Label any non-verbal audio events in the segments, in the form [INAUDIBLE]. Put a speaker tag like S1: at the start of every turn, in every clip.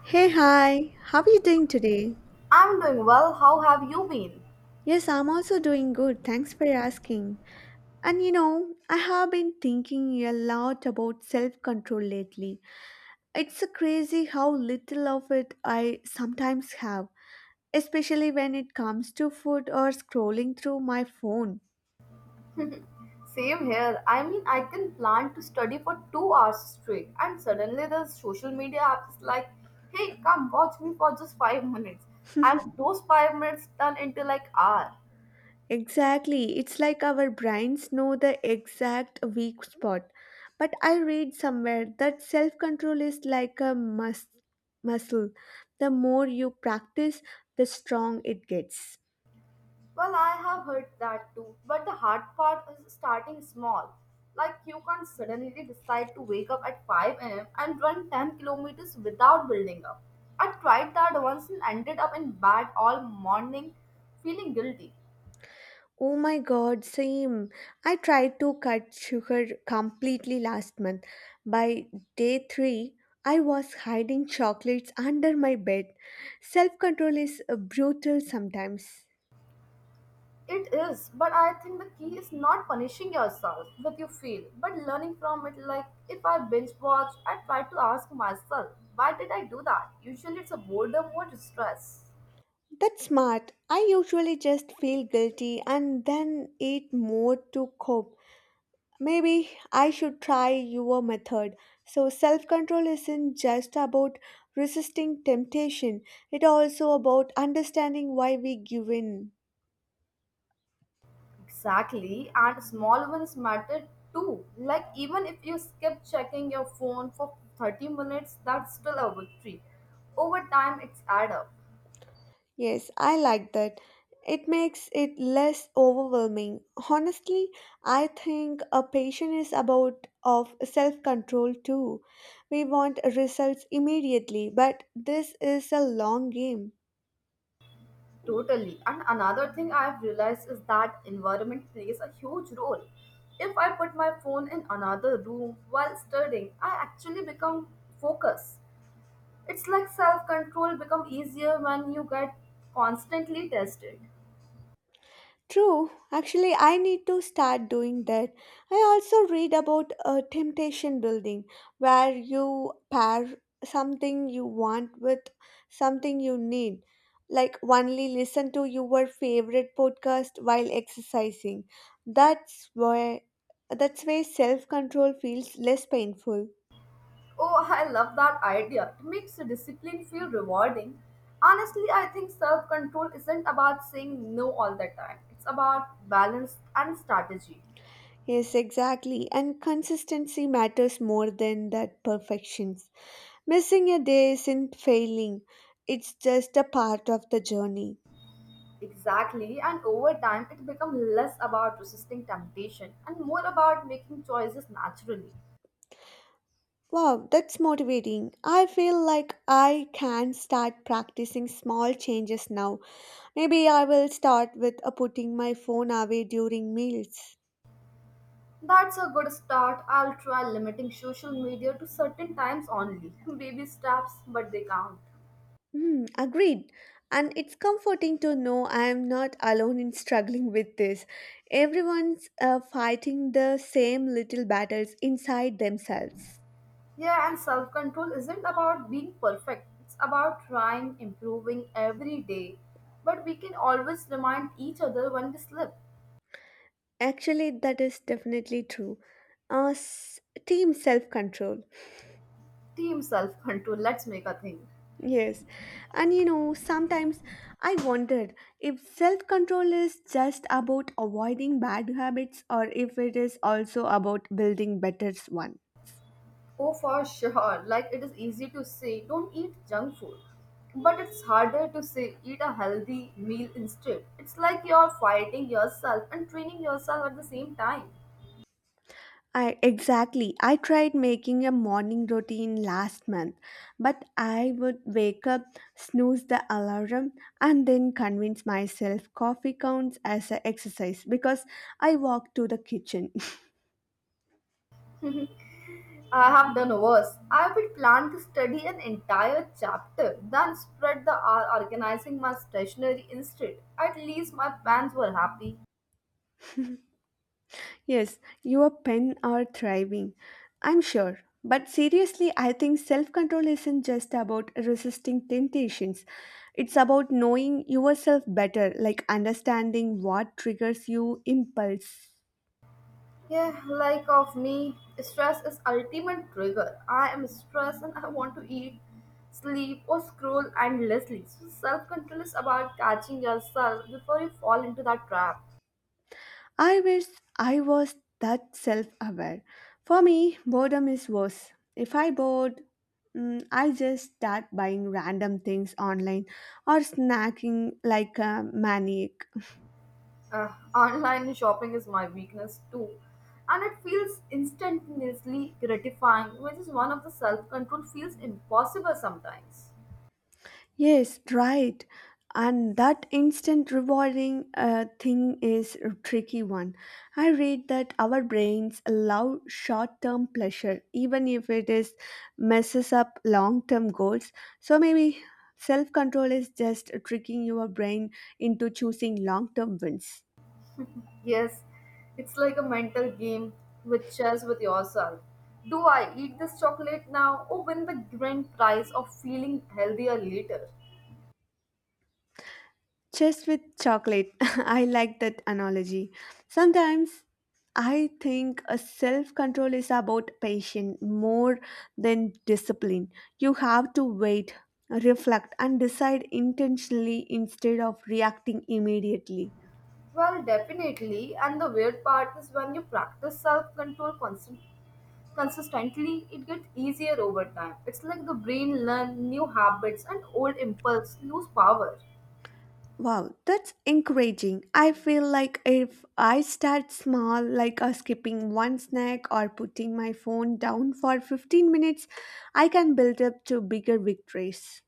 S1: Hey, hi, how are you doing today?
S2: I'm doing well. How have you been?
S1: Yes, I'm also doing good. Thanks for asking. And you know, I have been thinking a lot about self control lately. It's crazy how little of it I sometimes have, especially when it comes to food or scrolling through my phone.
S2: Same here. I mean, I can plan to study for 2 hours straight, and suddenly the social media app is like, hey, come watch me for just 5 minutes. And those 5 minutes turn into like hour.
S1: Exactly. It's like our brains know the exact weak spot. But I read somewhere that self control is like a muscle. The more you practice, the strong it gets.
S2: Well, I have heard that too, but the hard part is starting small. Like, you can't suddenly decide to wake up at 5 a.m. and run 10 kilometers without building up. I tried that once and ended up in bed all morning feeling guilty.
S1: Oh my god, same. I tried to cut sugar completely last month. By day 3, I was hiding chocolates under my bed. Self control is brutal sometimes.
S2: It is, but I think the key is not punishing yourself with you feel, but learning from it. Like if I binge watch, I try to ask myself, why did I do that? Usually it's a boredom or distress.
S1: That's smart. I usually just feel guilty and then eat more to cope. Maybe I should try your method. So, self control isn't just about resisting temptation, it's also about understanding why we give in.
S2: Exactly, and small wins matter too. Like even if you skip checking your phone for 30 minutes, that's still a victory. Over time, it's add up.
S1: Yes, I like that. It makes it less overwhelming. Honestly, I think a patient is about of self-control too. We want results immediately, but this is a long game.
S2: Totally. And another thing I've realized is that environment plays a huge role. If I put my phone in another room while studying, I actually become focused. It's like self-control become easier when you get constantly tested.
S1: True. Actually, I need to start doing that. I also read about temptation building, where you pair something you want with something you need. Like, only listen to your favorite podcast while exercising. That's why that's where self-control feels less painful.
S2: Oh, I love that idea. It makes discipline feel rewarding. Honestly, I think self-control isn't about saying no all the time. It's about balance and strategy.
S1: Yes, exactly. And consistency matters more than that perfections. Missing a day isn't failing, it's just a part of the journey.
S2: Exactly, and over time it becomes less about resisting temptation and more about making choices naturally.
S1: Wow, that's motivating. I feel like I can start practicing small changes now. Maybe I will start with putting my phone away during meals.
S2: That's a good start. I'll try limiting social media to certain times only. [LAUGHS] Baby steps, but they count.
S1: Hmm, agreed. And it's comforting to know I am not alone in struggling with this. Everyone's fighting the same little battles inside themselves.
S2: Yeah, and self control isn't about being perfect, it's about trying, improving every day. But we can always remind each other when we slip.
S1: Actually, that is definitely true. Uh, s- Team self control.
S2: Team self control, let's make a thing.
S1: Yes. And you know, sometimes I wondered if self control is just about avoiding bad habits or if it is also about building better one.
S2: Oh, for sure. Like it is easy to say, don't eat junk food. But it's harder to say, eat a healthy meal instead. It's like you're fighting yourself and training yourself at the same time.
S1: I exactly. I tried making a morning routine last month, but I would wake up, snooze the alarm, and then convince myself coffee counts as a exercise because I walked to the kitchen.
S2: I have done worse. I would plan to study an entire chapter, then spread the hour organizing my stationery instead. At least my parents were happy.
S1: Yes, your pen are thriving, I'm sure. But seriously, I think self control isn't just about resisting temptations. It's about knowing yourself better, like understanding what triggers you impulse.
S2: Yeah, like of me, stress is ultimate trigger. I am stressed and I want to eat, sleep, or scroll endlessly. So self control is about catching yourself before you fall into that trap.
S1: I wish I was that self aware. For me, boredom is worse. If I bored, I just start buying random things online or snacking like a maniac.
S2: Online shopping is my weakness too, and it feels instantaneously gratifying, which is one of the self control feels impossible sometimes.
S1: Yes, right. And that instant rewarding thing is a tricky one. I read that our brains allow short term pleasure, even if it is messes up long term goals. So maybe self control is just tricking your brain into choosing long term wins.
S2: Yes, it's like a mental game with chess with yourself. Do I eat this chocolate now or win the grand prize of feeling healthier later?
S1: Chess with chocolate. [LAUGHS] I like that analogy. Sometimes I think a self control is about patience more than discipline. You have to wait, reflect, and decide intentionally instead of reacting immediately.
S2: Well, definitely. And the weird part is when you practice self control constantly. consistently, it gets easier over time. It's like the brain learns new habits and old impulse lose power.
S1: Wow, that's encouraging. I feel like if I start small, like skipping one snack or putting my phone down for 15 minutes, I can build up to bigger victories.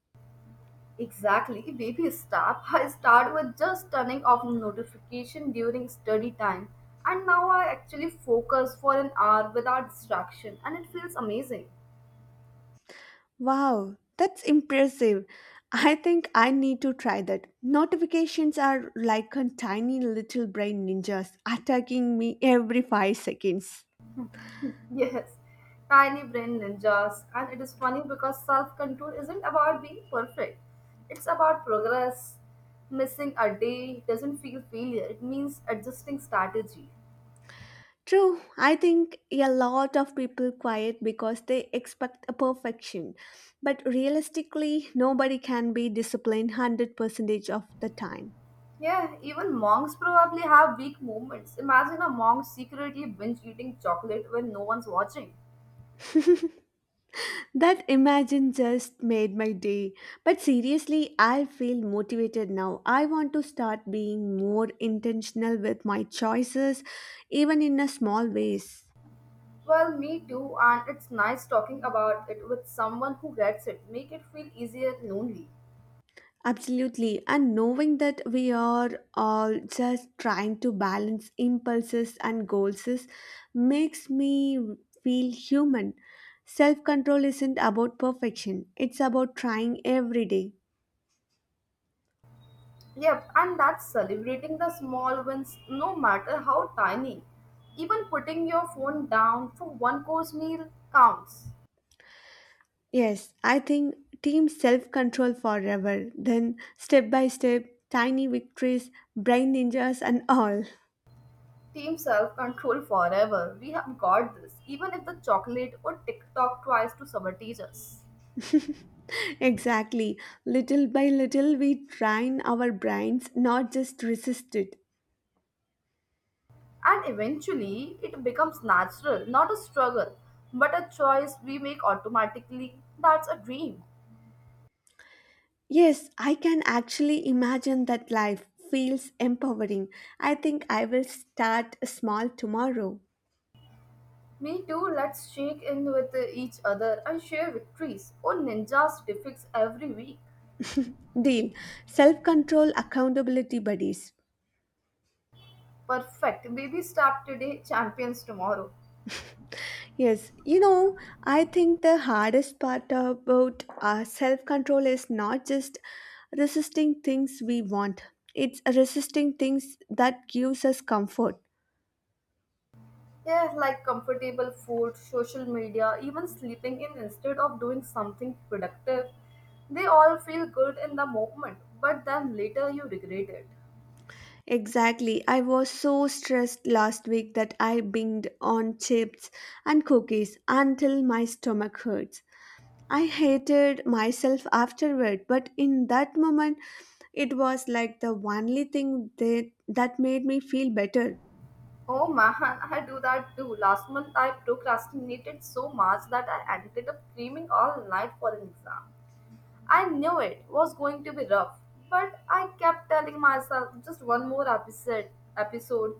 S2: Exactly. Baby step. I start with just turning off notification during study time. And now I actually focus for an hour without distraction and it feels amazing. [LAUGHS]
S1: Wow, that's impressive. I think I need to try that. Notifications are like a tiny little brain ninjas attacking me every 5 seconds.
S2: Yes. Tiny brain ninjas. And it is funny because self-control isn't about being perfect. It's about progress. Missing a day doesn't feel failure. It means adjusting strategy.
S1: True, I think a lot of people quiet because they expect a perfection. But realistically, nobody can be disciplined 100% of the time.
S2: Yeah, even monks probably have weak moments. Imagine a monk secretly binge eating chocolate when no one's watching.
S1: That imagine just made my day. But seriously, I feel motivated now. I want to start being more intentional with my choices, even in a small ways.
S2: Well, me too, and it's nice talking about it with someone who gets it. Make it feel easier lonely.
S1: Absolutely. And knowing that we are all just trying to balance impulses and goals makes me feel human. Self control isn't about perfection, it's about trying every day.
S2: Yep, and that's celebrating the small wins no matter how tiny. Even putting your phone down for one course meal counts.
S1: Yes, I think team self control forever, then step by step, tiny victories, brain ninjas, and all.
S2: Team self control forever. We have got this, even if the chocolate or TikTok tries to sabotage us.
S1: [LAUGHS] exactly. Little by little, we train our brains, not just resist it.
S2: And eventually, it becomes natural, not a struggle, but a choice we make automatically. That's a dream.
S1: Yes, I can actually imagine that life feels empowering. I think I will start small tomorrow.
S2: Me too, let's shake in with each other and share victories. Oh, ninjas defeats every week.
S1: Deal. Self control accountability buddies.
S2: Perfect. Baby step today, champions tomorrow.
S1: Yes, you know, I think the hardest part about our self control is not just resisting things we want, it's resisting things that gives us comfort.
S2: Yeah, like comfortable food, social media, even sleeping in instead of doing something productive. They all feel good in the moment, but then later you regret it.
S1: Exactly. I was so stressed last week that I binged on chips and cookies until my stomach hurts. I hated myself afterward, but in that moment, it was like the only thing that made me feel better.
S2: Oh man, [LAUGHS] I do that too. Last month I procrastinated so much that I ended up screaming all night for an exam. I knew it was going to be rough, but I kept telling myself just one more episode.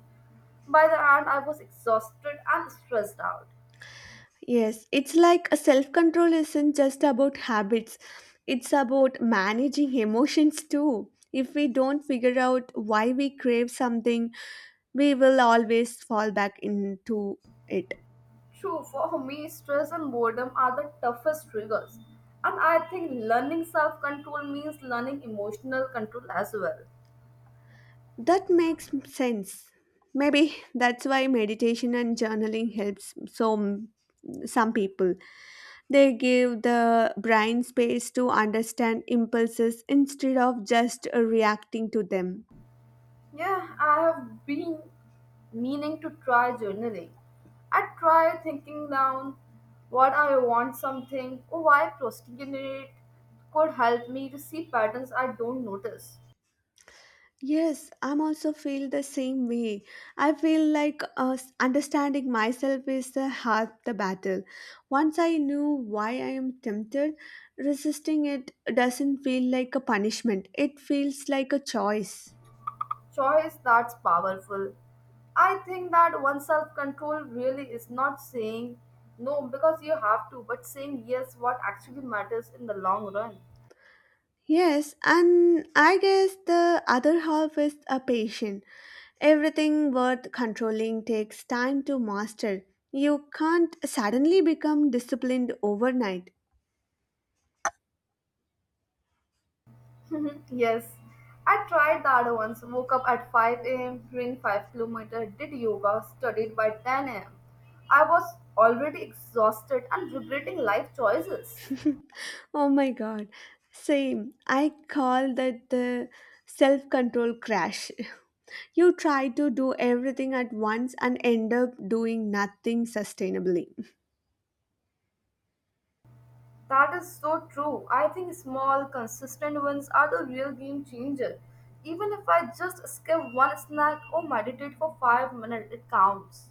S2: By the end I was exhausted and stressed out.
S1: Yes, it's like a self control isn't just about habits, it's about managing emotions too. If we don't figure out why we crave something, we will always fall back into it.
S2: True, for me stress and boredom are the toughest triggers. And I think learning self-control means learning emotional control as well.
S1: That makes sense. Maybe that's why meditation and journaling helps some people. They give the brain space to understand impulses instead of just reacting to them.
S2: Yeah, I have been meaning to try journaling. I try thinking down what I want something or why procrastinate could help me to see patterns I don't notice.
S1: Yes, I'm also feel the same way. I feel like understanding myself is the half the battle. Once I knew why I am tempted, resisting it doesn't feel like a punishment. It feels like a choice.
S2: Choice, that's powerful. I think that one self control really is not saying no because you have to, but saying yes what actually matters in the long run.
S1: Yes, and I guess the other half is a patient. Everything worth controlling takes time to master. You can't suddenly become disciplined overnight.
S2: Mhm, yes, I tried that once. Woke up at 5 a.m., ran 5-kilometer, did yoga, studied by 10 a.m. I was already exhausted and regretting life choices.
S1: [LAUGHS] Oh my god. Same. I call that the self control crash. [LAUGHS] You try to do everything at once and end up doing nothing sustainably.
S2: That is so true. I think small, consistent ones are the real game changer. Even if I just skip one snack or meditate for 5 minutes, it counts.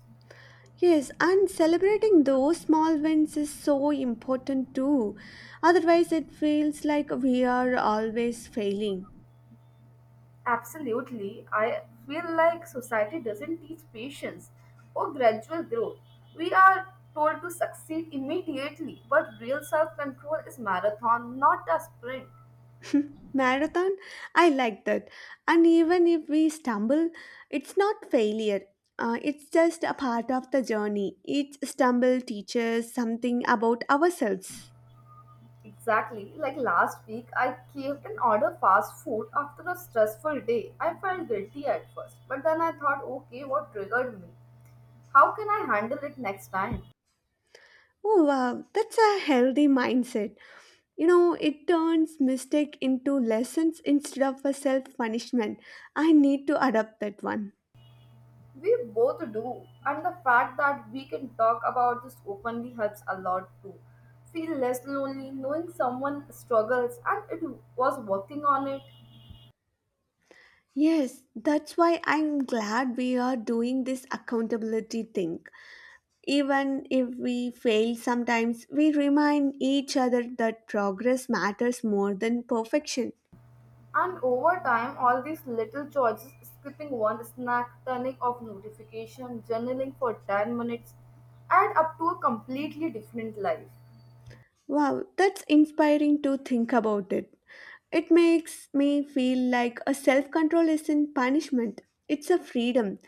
S1: Yes, and celebrating those small wins is so important too. Otherwise, it feels like we are always failing.
S2: Absolutely. I feel like society doesn't teach patience or gradual growth. We are told to succeed immediately, but real self control is marathon, not a sprint.
S1: Marathon? I like that. And even if we stumble, it's not failure. It's just a part of the journey. Each stumble teaches something about ourselves.
S2: Exactly. Like last week, I caved and ordered fast food after a stressful day. I felt guilty at first, but then I thought, okay, what triggered me? How can I handle it next time?
S1: Oh, wow, that's a healthy mindset. You know, it turns mistake into lessons instead of a self punishment. I need to adopt that one.
S2: We both do, and the fact that we can talk about this openly helps a lot too. Feel less lonely knowing someone struggles and it was working on it.
S1: Yes, that's why I'm glad we are doing this accountability thing. Even if we fail sometimes, we remind each other that progress matters more than perfection.
S2: And over time, all these little choices skipping one snack, turning off notification, journaling for 10 minutes add up to a completely different life.
S1: Wow, that's inspiring to think about it. It makes me feel like a self control isn't punishment, it's a freedom.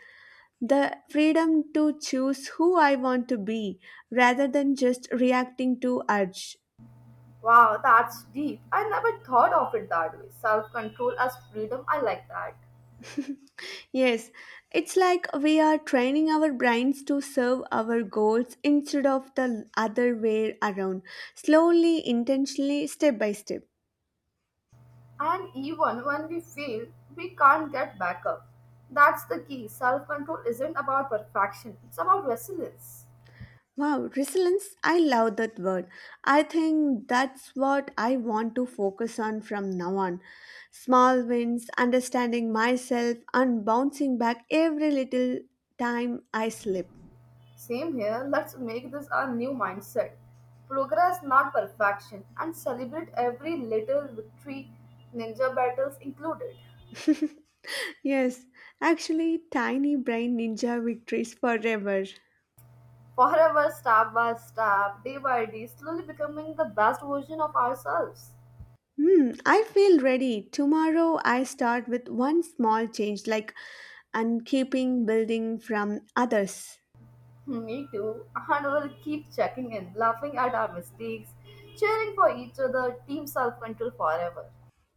S1: The freedom to choose who I want to be rather than just reacting to urge.
S2: Wow, that's deep. I never thought of it that way. Self control as freedom, I like that.
S1: Yes, it's like we are training our brains to serve our goals instead of the other way around, slowly, intentionally, step by step.
S2: And even when we fail, we can't get back up. That's the key. Self control isn't about perfection, it's about resilience.
S1: Wow, resilience, I love that word. I think that's what I want to focus on from now on. Small wins, understanding myself, and bouncing back every little time I slip.
S2: Same here, let's make this our new mindset. Progress, not perfection, and celebrate every little victory, ninja battles included.
S1: [LAUGHS] yes, actually, tiny brain ninja victories forever.
S2: Forever, step by step, day by day, slowly becoming the best version of ourselves.
S1: Hmm, I feel ready. Tomorrow I start with one small change, like and keeping building from others.
S2: Hmm, me too. And we'll keep checking in, laughing at our mistakes, cheering for each other, team self control forever.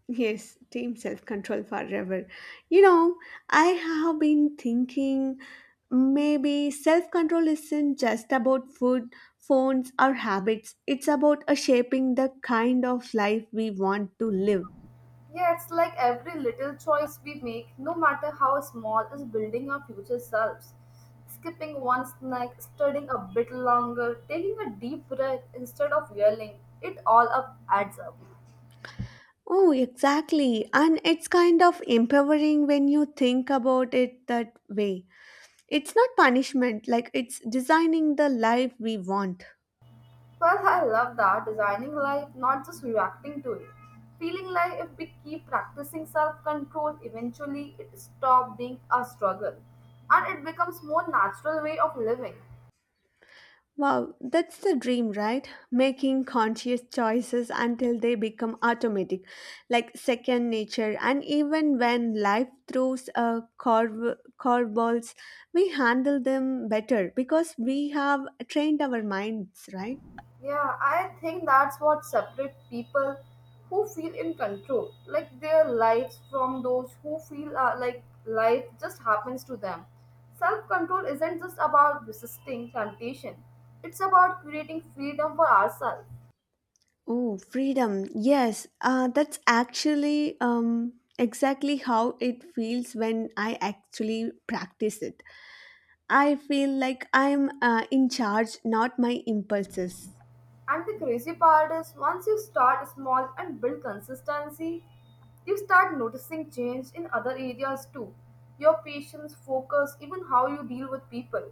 S1: Yes, team self control forever. You know, I have been thinking maybe self control isn't just about food, phones, or habits, it's about a shaping the kind of life we want to live.
S2: Yeah, it's like every little choice we make, no matter how small, is building our future selves. Skipping one snack, studying a bit longer, taking a deep breath instead of yelling, it all up adds up.
S1: Oh, exactly. And it's kind of empowering when you think about it that way. It's not punishment, like it's designing the life we want.
S2: Well, I love that designing life, not just reacting to it. Feeling like if we keep practicing self control, eventually it stops being a struggle and it becomes more natural way of living.
S1: Wow, that's the dream, right? Making conscious choices until they become automatic, like second nature. And even when life throws curveballs, we handle them better because we have trained our minds, right?
S2: Yeah, I think that's what separates people who feel in control, like their lives from those who feel like life just happens to them. Self control isn't just about resisting temptation, it's about creating freedom for ourselves.
S1: Oh, freedom. Yes, that's actually exactly how it feels when I actually practice it. I feel like I'm in charge, not my impulses.
S2: And the crazy part is once you start small and build consistency, you start noticing change in other areas too. Your patience, focus, even how you deal with people.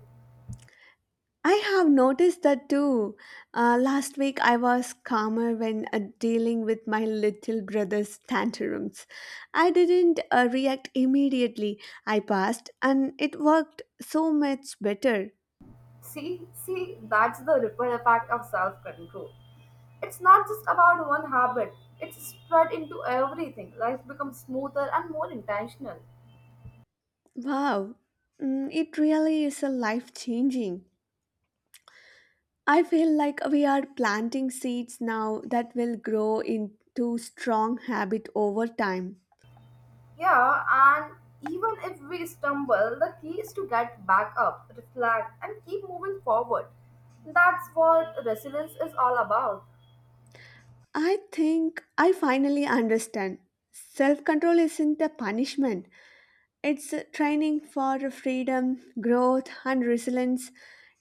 S1: I have noticed that too. Last week I was calmer when dealing with my little brother's tantrums. I didn't react immediately. I passed and it worked so much better.
S2: See, that's the ripple effect of self-control. It's not just about one habit, it's spread into everything. Life becomes smoother and more intentional.
S1: Wow, it really is a life changing. I feel like we are planting seeds now that will grow into strong habit over time.
S2: Yeah, and even if we stumble, the key is to get back up, reflect, and keep moving forward. That's what resilience is all about.
S1: I think I finally understand. Self control isn't a punishment, it's a training for freedom, growth, and resilience.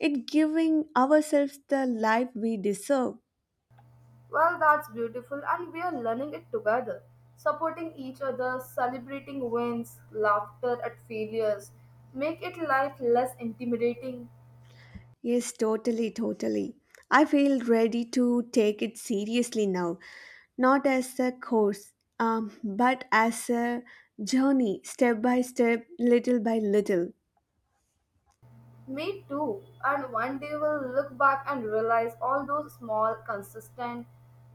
S1: It giving ourselves the life we deserve.
S2: Well, that's beautiful, and we are learning it together, supporting each other, celebrating wins, laughter at failures, make it life less intimidating.
S1: Yes, totally, totally. I feel ready to take it seriously now, not as a course, but as a journey, step by step, little by little.
S2: Me too. And one day we'll look back and realize all those small, consistent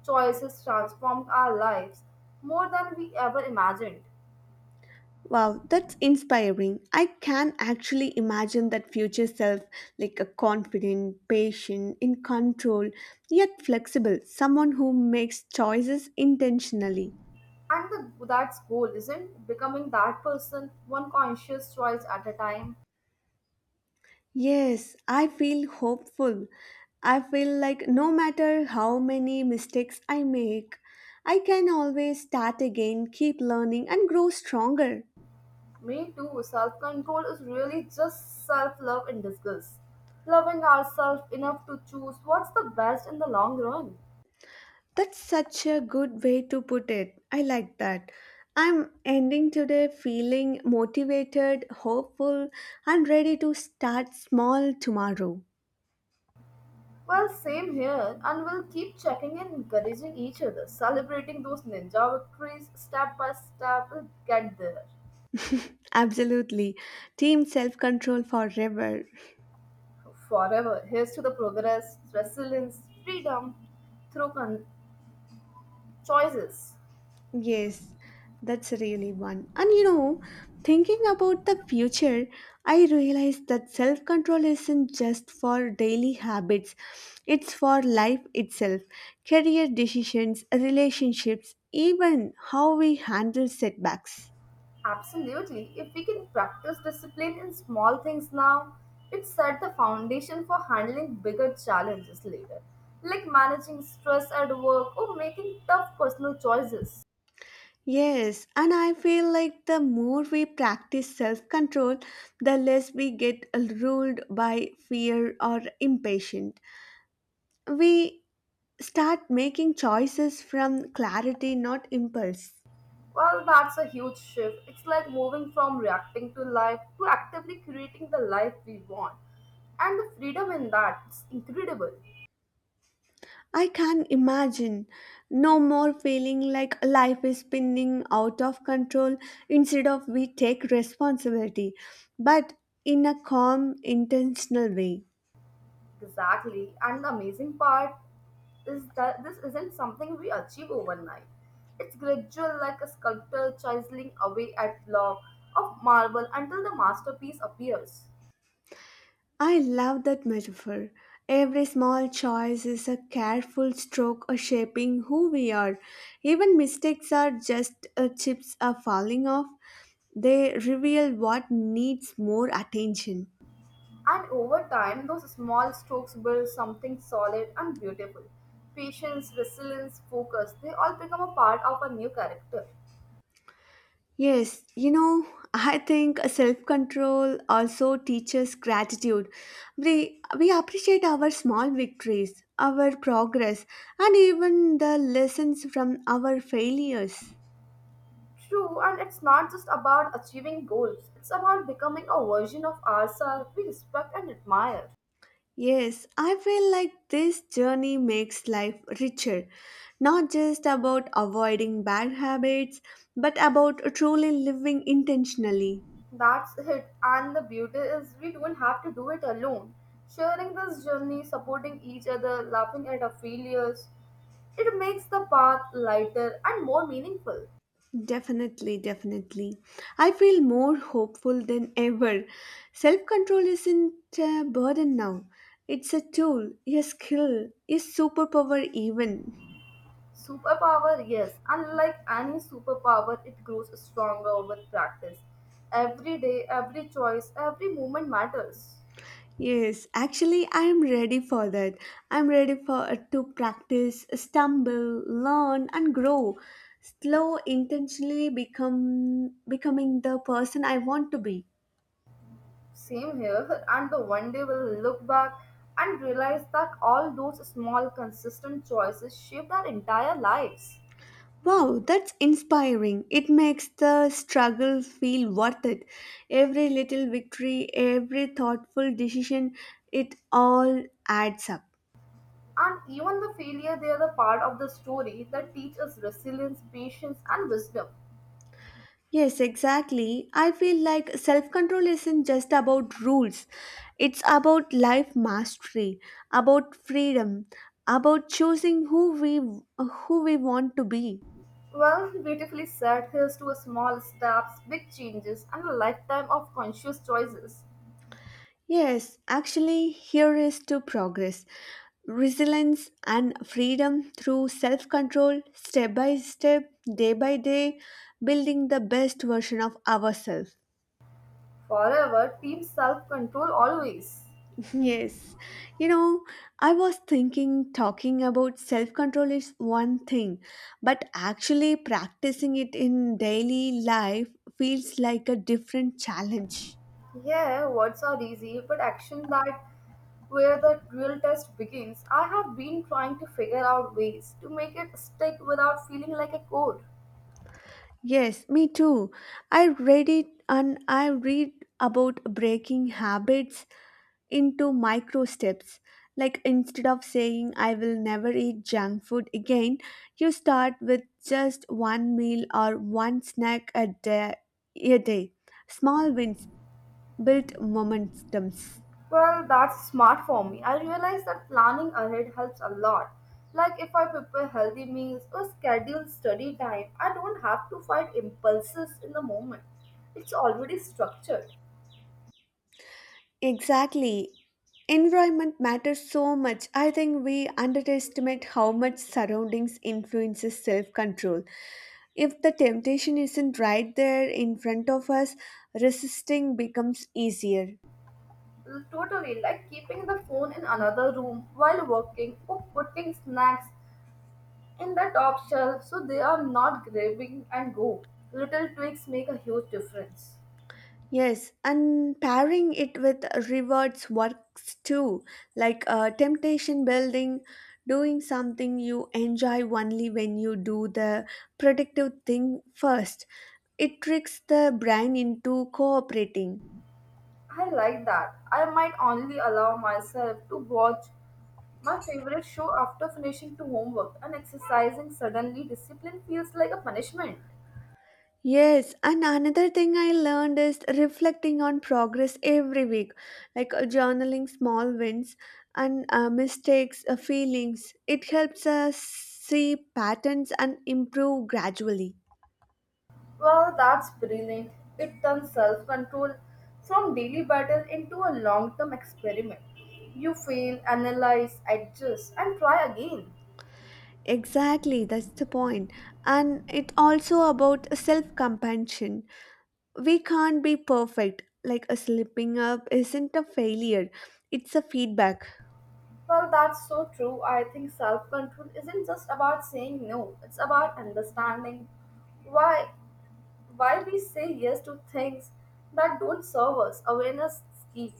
S2: choices transformed our lives more than we ever imagined.
S1: Wow, that's inspiring. I can actually imagine that future self like a confident, patient, in control, yet flexible, someone who makes choices intentionally.
S2: And that's goal, isn't becoming that person, one conscious choice at a time.
S1: Yes, I feel hopeful. I feel like no matter how many mistakes I make, I can always start again, keep learning, and grow stronger.
S2: Me too. Self control is really just self love in disguise. Loving ourselves enough to choose what's the best in the long run.
S1: That's such a good way to put it. I like that. I'm ending today feeling motivated, hopeful, and ready to start small tomorrow.
S2: Well, same here, and we'll keep checking and encouraging each other, celebrating those ninja victories step by step. We'll get there
S1: Absolutely. Team self control forever.
S2: forever. Here's to the progress, resilience, freedom through choices.
S1: Yes, that's really one. And you know, thinking about the future, I realize that self control isn't just for daily habits, it's for life itself, career decisions, relationships, even how we handle setbacks.
S2: Absolutely. If we can practice discipline in small things now, it set the foundation for handling bigger challenges later, like managing stress at work or making tough personal choices.
S1: Yes, and I feel like the more we practice self control, the less we get ruled by fear or impatient. We start making choices from clarity, not impulse.
S2: Well, that's a huge shift. It's like moving from reacting to life to actively creating the life we want. And the freedom in that is incredible.
S1: I can imagine no more feeling like life is spinning out of control instead of we take responsibility, but in a calm, intentional way.
S2: Exactly. And the amazing part is that this isn't something we achieve overnight. It's gradual, like a sculptor chiseling away at block of marble until the masterpiece appears.
S1: I love that metaphor. Every small choice is a careful stroke of shaping who we are. Even mistakes are just chips are falling off. They reveal what needs more attention.
S2: And over time, those small strokes build something solid and beautiful. Patience, resilience, focus, they all become a part of a new character.
S1: Yes, you know, I think self control also teaches gratitude. We appreciate our small victories, our progress, and even the lessons from our failures.
S2: True, and it's not just about achieving goals, it's about becoming a version of ourselves we respect and admire.
S1: Yes, I feel like this journey makes life richer, not just about avoiding bad habits, but about truly living intentionally.
S2: That's it, and the beauty is we don't have to do it alone. Sharing this journey, supporting each other, laughing at our failures, it makes the path lighter and more meaningful.
S1: Definitely, definitely. I feel more hopeful than ever. Self control isn't a burden now, it's a tool, a skill, a superpower, even.
S2: Superpower, yes. Unlike any superpower, it grows stronger with practice. Every day, every choice, every moment matters.
S1: Yes, actually, I am ready for that. I'm ready for to practice, stumble, learn, and grow. Slow, intentionally become becoming the person I want to be.
S2: Same here, [LAUGHS] and the one day we'll look back and realize that all those small, consistent choices shaped our entire lives.
S1: Wow, that's inspiring. It makes the struggle feel worth it. Every little victory, every thoughtful decision, it all adds up.
S2: And even the failure, they are the part of the story that teach us resilience, patience, and wisdom.
S1: Yes, exactly. I feel like self control isn't just about rules, it's about life mastery, about freedom, about who we want to be.
S2: Well, beautifully said. Here's to a small steps, big changes, and a lifetime of conscious choices.
S1: Yes, actually, here is to progress, resilience, and freedom through self control, step by step, day by day, building the best version of ourselves.
S2: Forever team self control always.
S1: [LAUGHS] Yes, you know, I was thinking talking about self control is one thing, but actually practicing it in daily life feels like a different challenge.
S2: Yeah, words are easy, but action that where the real test begins. I have been trying to figure out ways to make it stick without feeling like a code.
S1: Yes, me too. I read about breaking habits into micro steps. Like instead of saying I will never eat junk food again, you start with just one meal or one snack a day. A day. Small wins build momentums.
S2: Well, that's smart for me. I realize that planning ahead helps a lot. Like if I prepare healthy meals or schedule study time, I don't have to fight impulses in the moment. It's already structured.
S1: Exactly. Environment matters so much. I think we underestimate how much surroundings influences self-control. If the temptation isn't right there in front of us, resisting becomes easier.
S2: Totally, like keeping the phone in another room while working or putting snacks in the top shelf so they are not grabbing and go. Little tweaks make a huge difference.
S1: Yes, and pairing it with rewards works too, like temptation building, doing something you enjoy only when you do the productive thing first. It tricks the brain into cooperating.
S2: I like that. I might only allow myself to watch my favorite show after finishing to homework and exercising. Suddenly, discipline feels like a punishment.
S1: Yes, and another thing I learned is reflecting on progress every week, like journaling small wins and mistakes, feelings. It helps us see patterns and improve gradually.
S2: Well, that's brilliant. It turns self control from daily battle into a long term experiment. You fail, analyze, adjust, and try again.
S1: Exactly, that's the point. And it also about self compassion. We can't be perfect. Like a slipping up isn't a failure, it's a feedback.
S2: Well, that's so true. I think self control isn't just about saying no, it's about understanding why why we say yes to things that don't serve us. Awareness is key.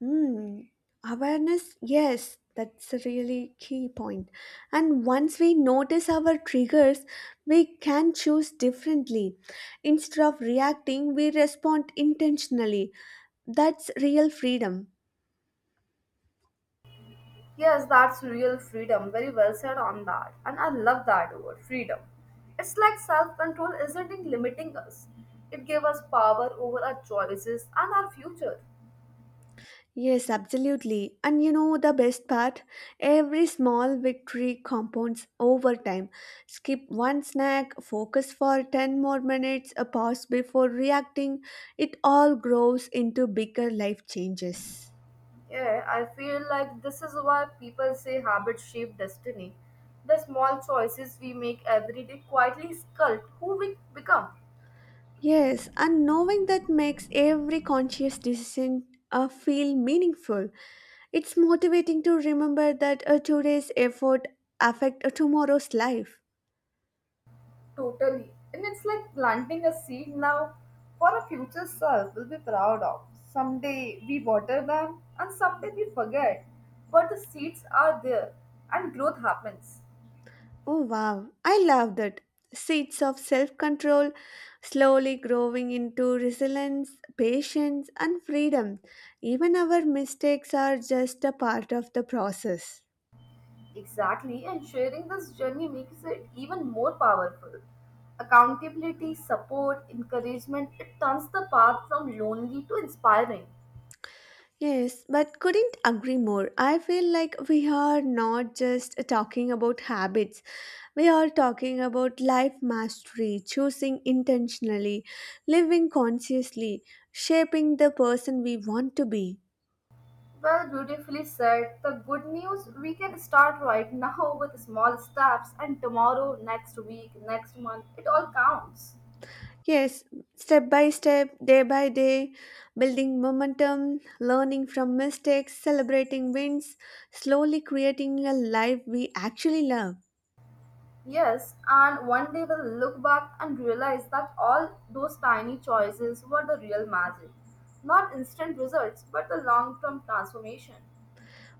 S1: Hmm. Awareness, yes, that's a really key point. And once we notice our triggers, we can choose differently. Instead of reacting, we respond intentionally. That's real freedom.
S2: Yes, that's real freedom. Very well said on that. And I love that word, freedom. It's like self control isn't it limiting us, it gave us power over our choices and our future.
S1: Yes, absolutely. And you know the best part? Every small victory compounds over time. Skip one snack, focus for 10 more minutes, a pause before reacting. It all grows into bigger life changes.
S2: Yeah, I feel like this is why people say habits shape destiny. The small choices we make every day quietly sculpt who we become.
S1: Yes, and knowing that makes every conscious decision feel meaningful. It's motivating to remember that a today's effort affect a tomorrow's life.
S2: Totally. And it's like planting a seed now for a future self we'll be proud of. Someday we water them and someday we forget. But the seeds are there and growth happens.
S1: Oh wow, I love that. Seeds of self control slowly growing into resilience, patience, and freedom. Even our mistakes are just a part of the process.
S2: Exactly, and sharing this journey makes it even more powerful. Accountability, support, encouragement, it turns the path from lonely to inspiring.
S1: Yes, but couldn't agree more. I feel like we are not just talking about habits, we are talking about life mastery, choosing intentionally, living consciously, shaping the person we want to be.
S2: Well, beautifully said. The good news we can start right now [LAUGHS] with small steps, and tomorrow, next week, next month, it all counts.
S1: Yes, step by step, day by day, building momentum, learning from mistakes, celebrating wins, slowly creating a life we actually love.
S2: Yes, and one day we'll look back and realize that all those tiny choices were the real magic. Not instant results, but the long term transformation.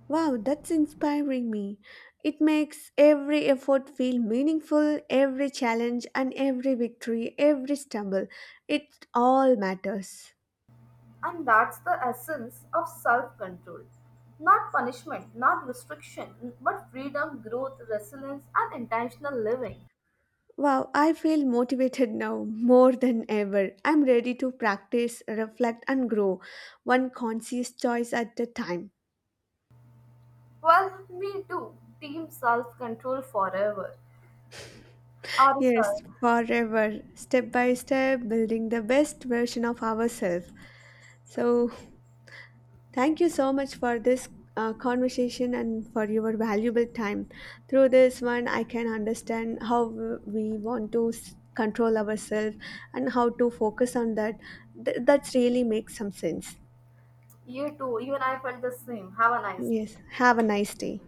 S1: Wow, that's inspiring me. It makes every effort feel meaningful, every challenge and every victory, every stumble. It all matters.
S2: And that's the essence of self control. Not punishment, not restriction, but freedom, growth, resilience, and intentional living.
S1: Wow, I feel motivated now more than ever. I'm ready to practice, reflect, and grow one conscious choice at a time.
S2: Well, me too. Team self control forever. Our
S1: Yes,
S2: style.
S1: forever, step by step, building the best version of ourselves. So, thank you so much for this conversation and for your valuable time. Through this one, I can understand how we want to control ourselves and how to focus on that. That's really makes some sense.
S2: You too. You and I felt the same. Have a nice day.
S1: Yes, have a nice day.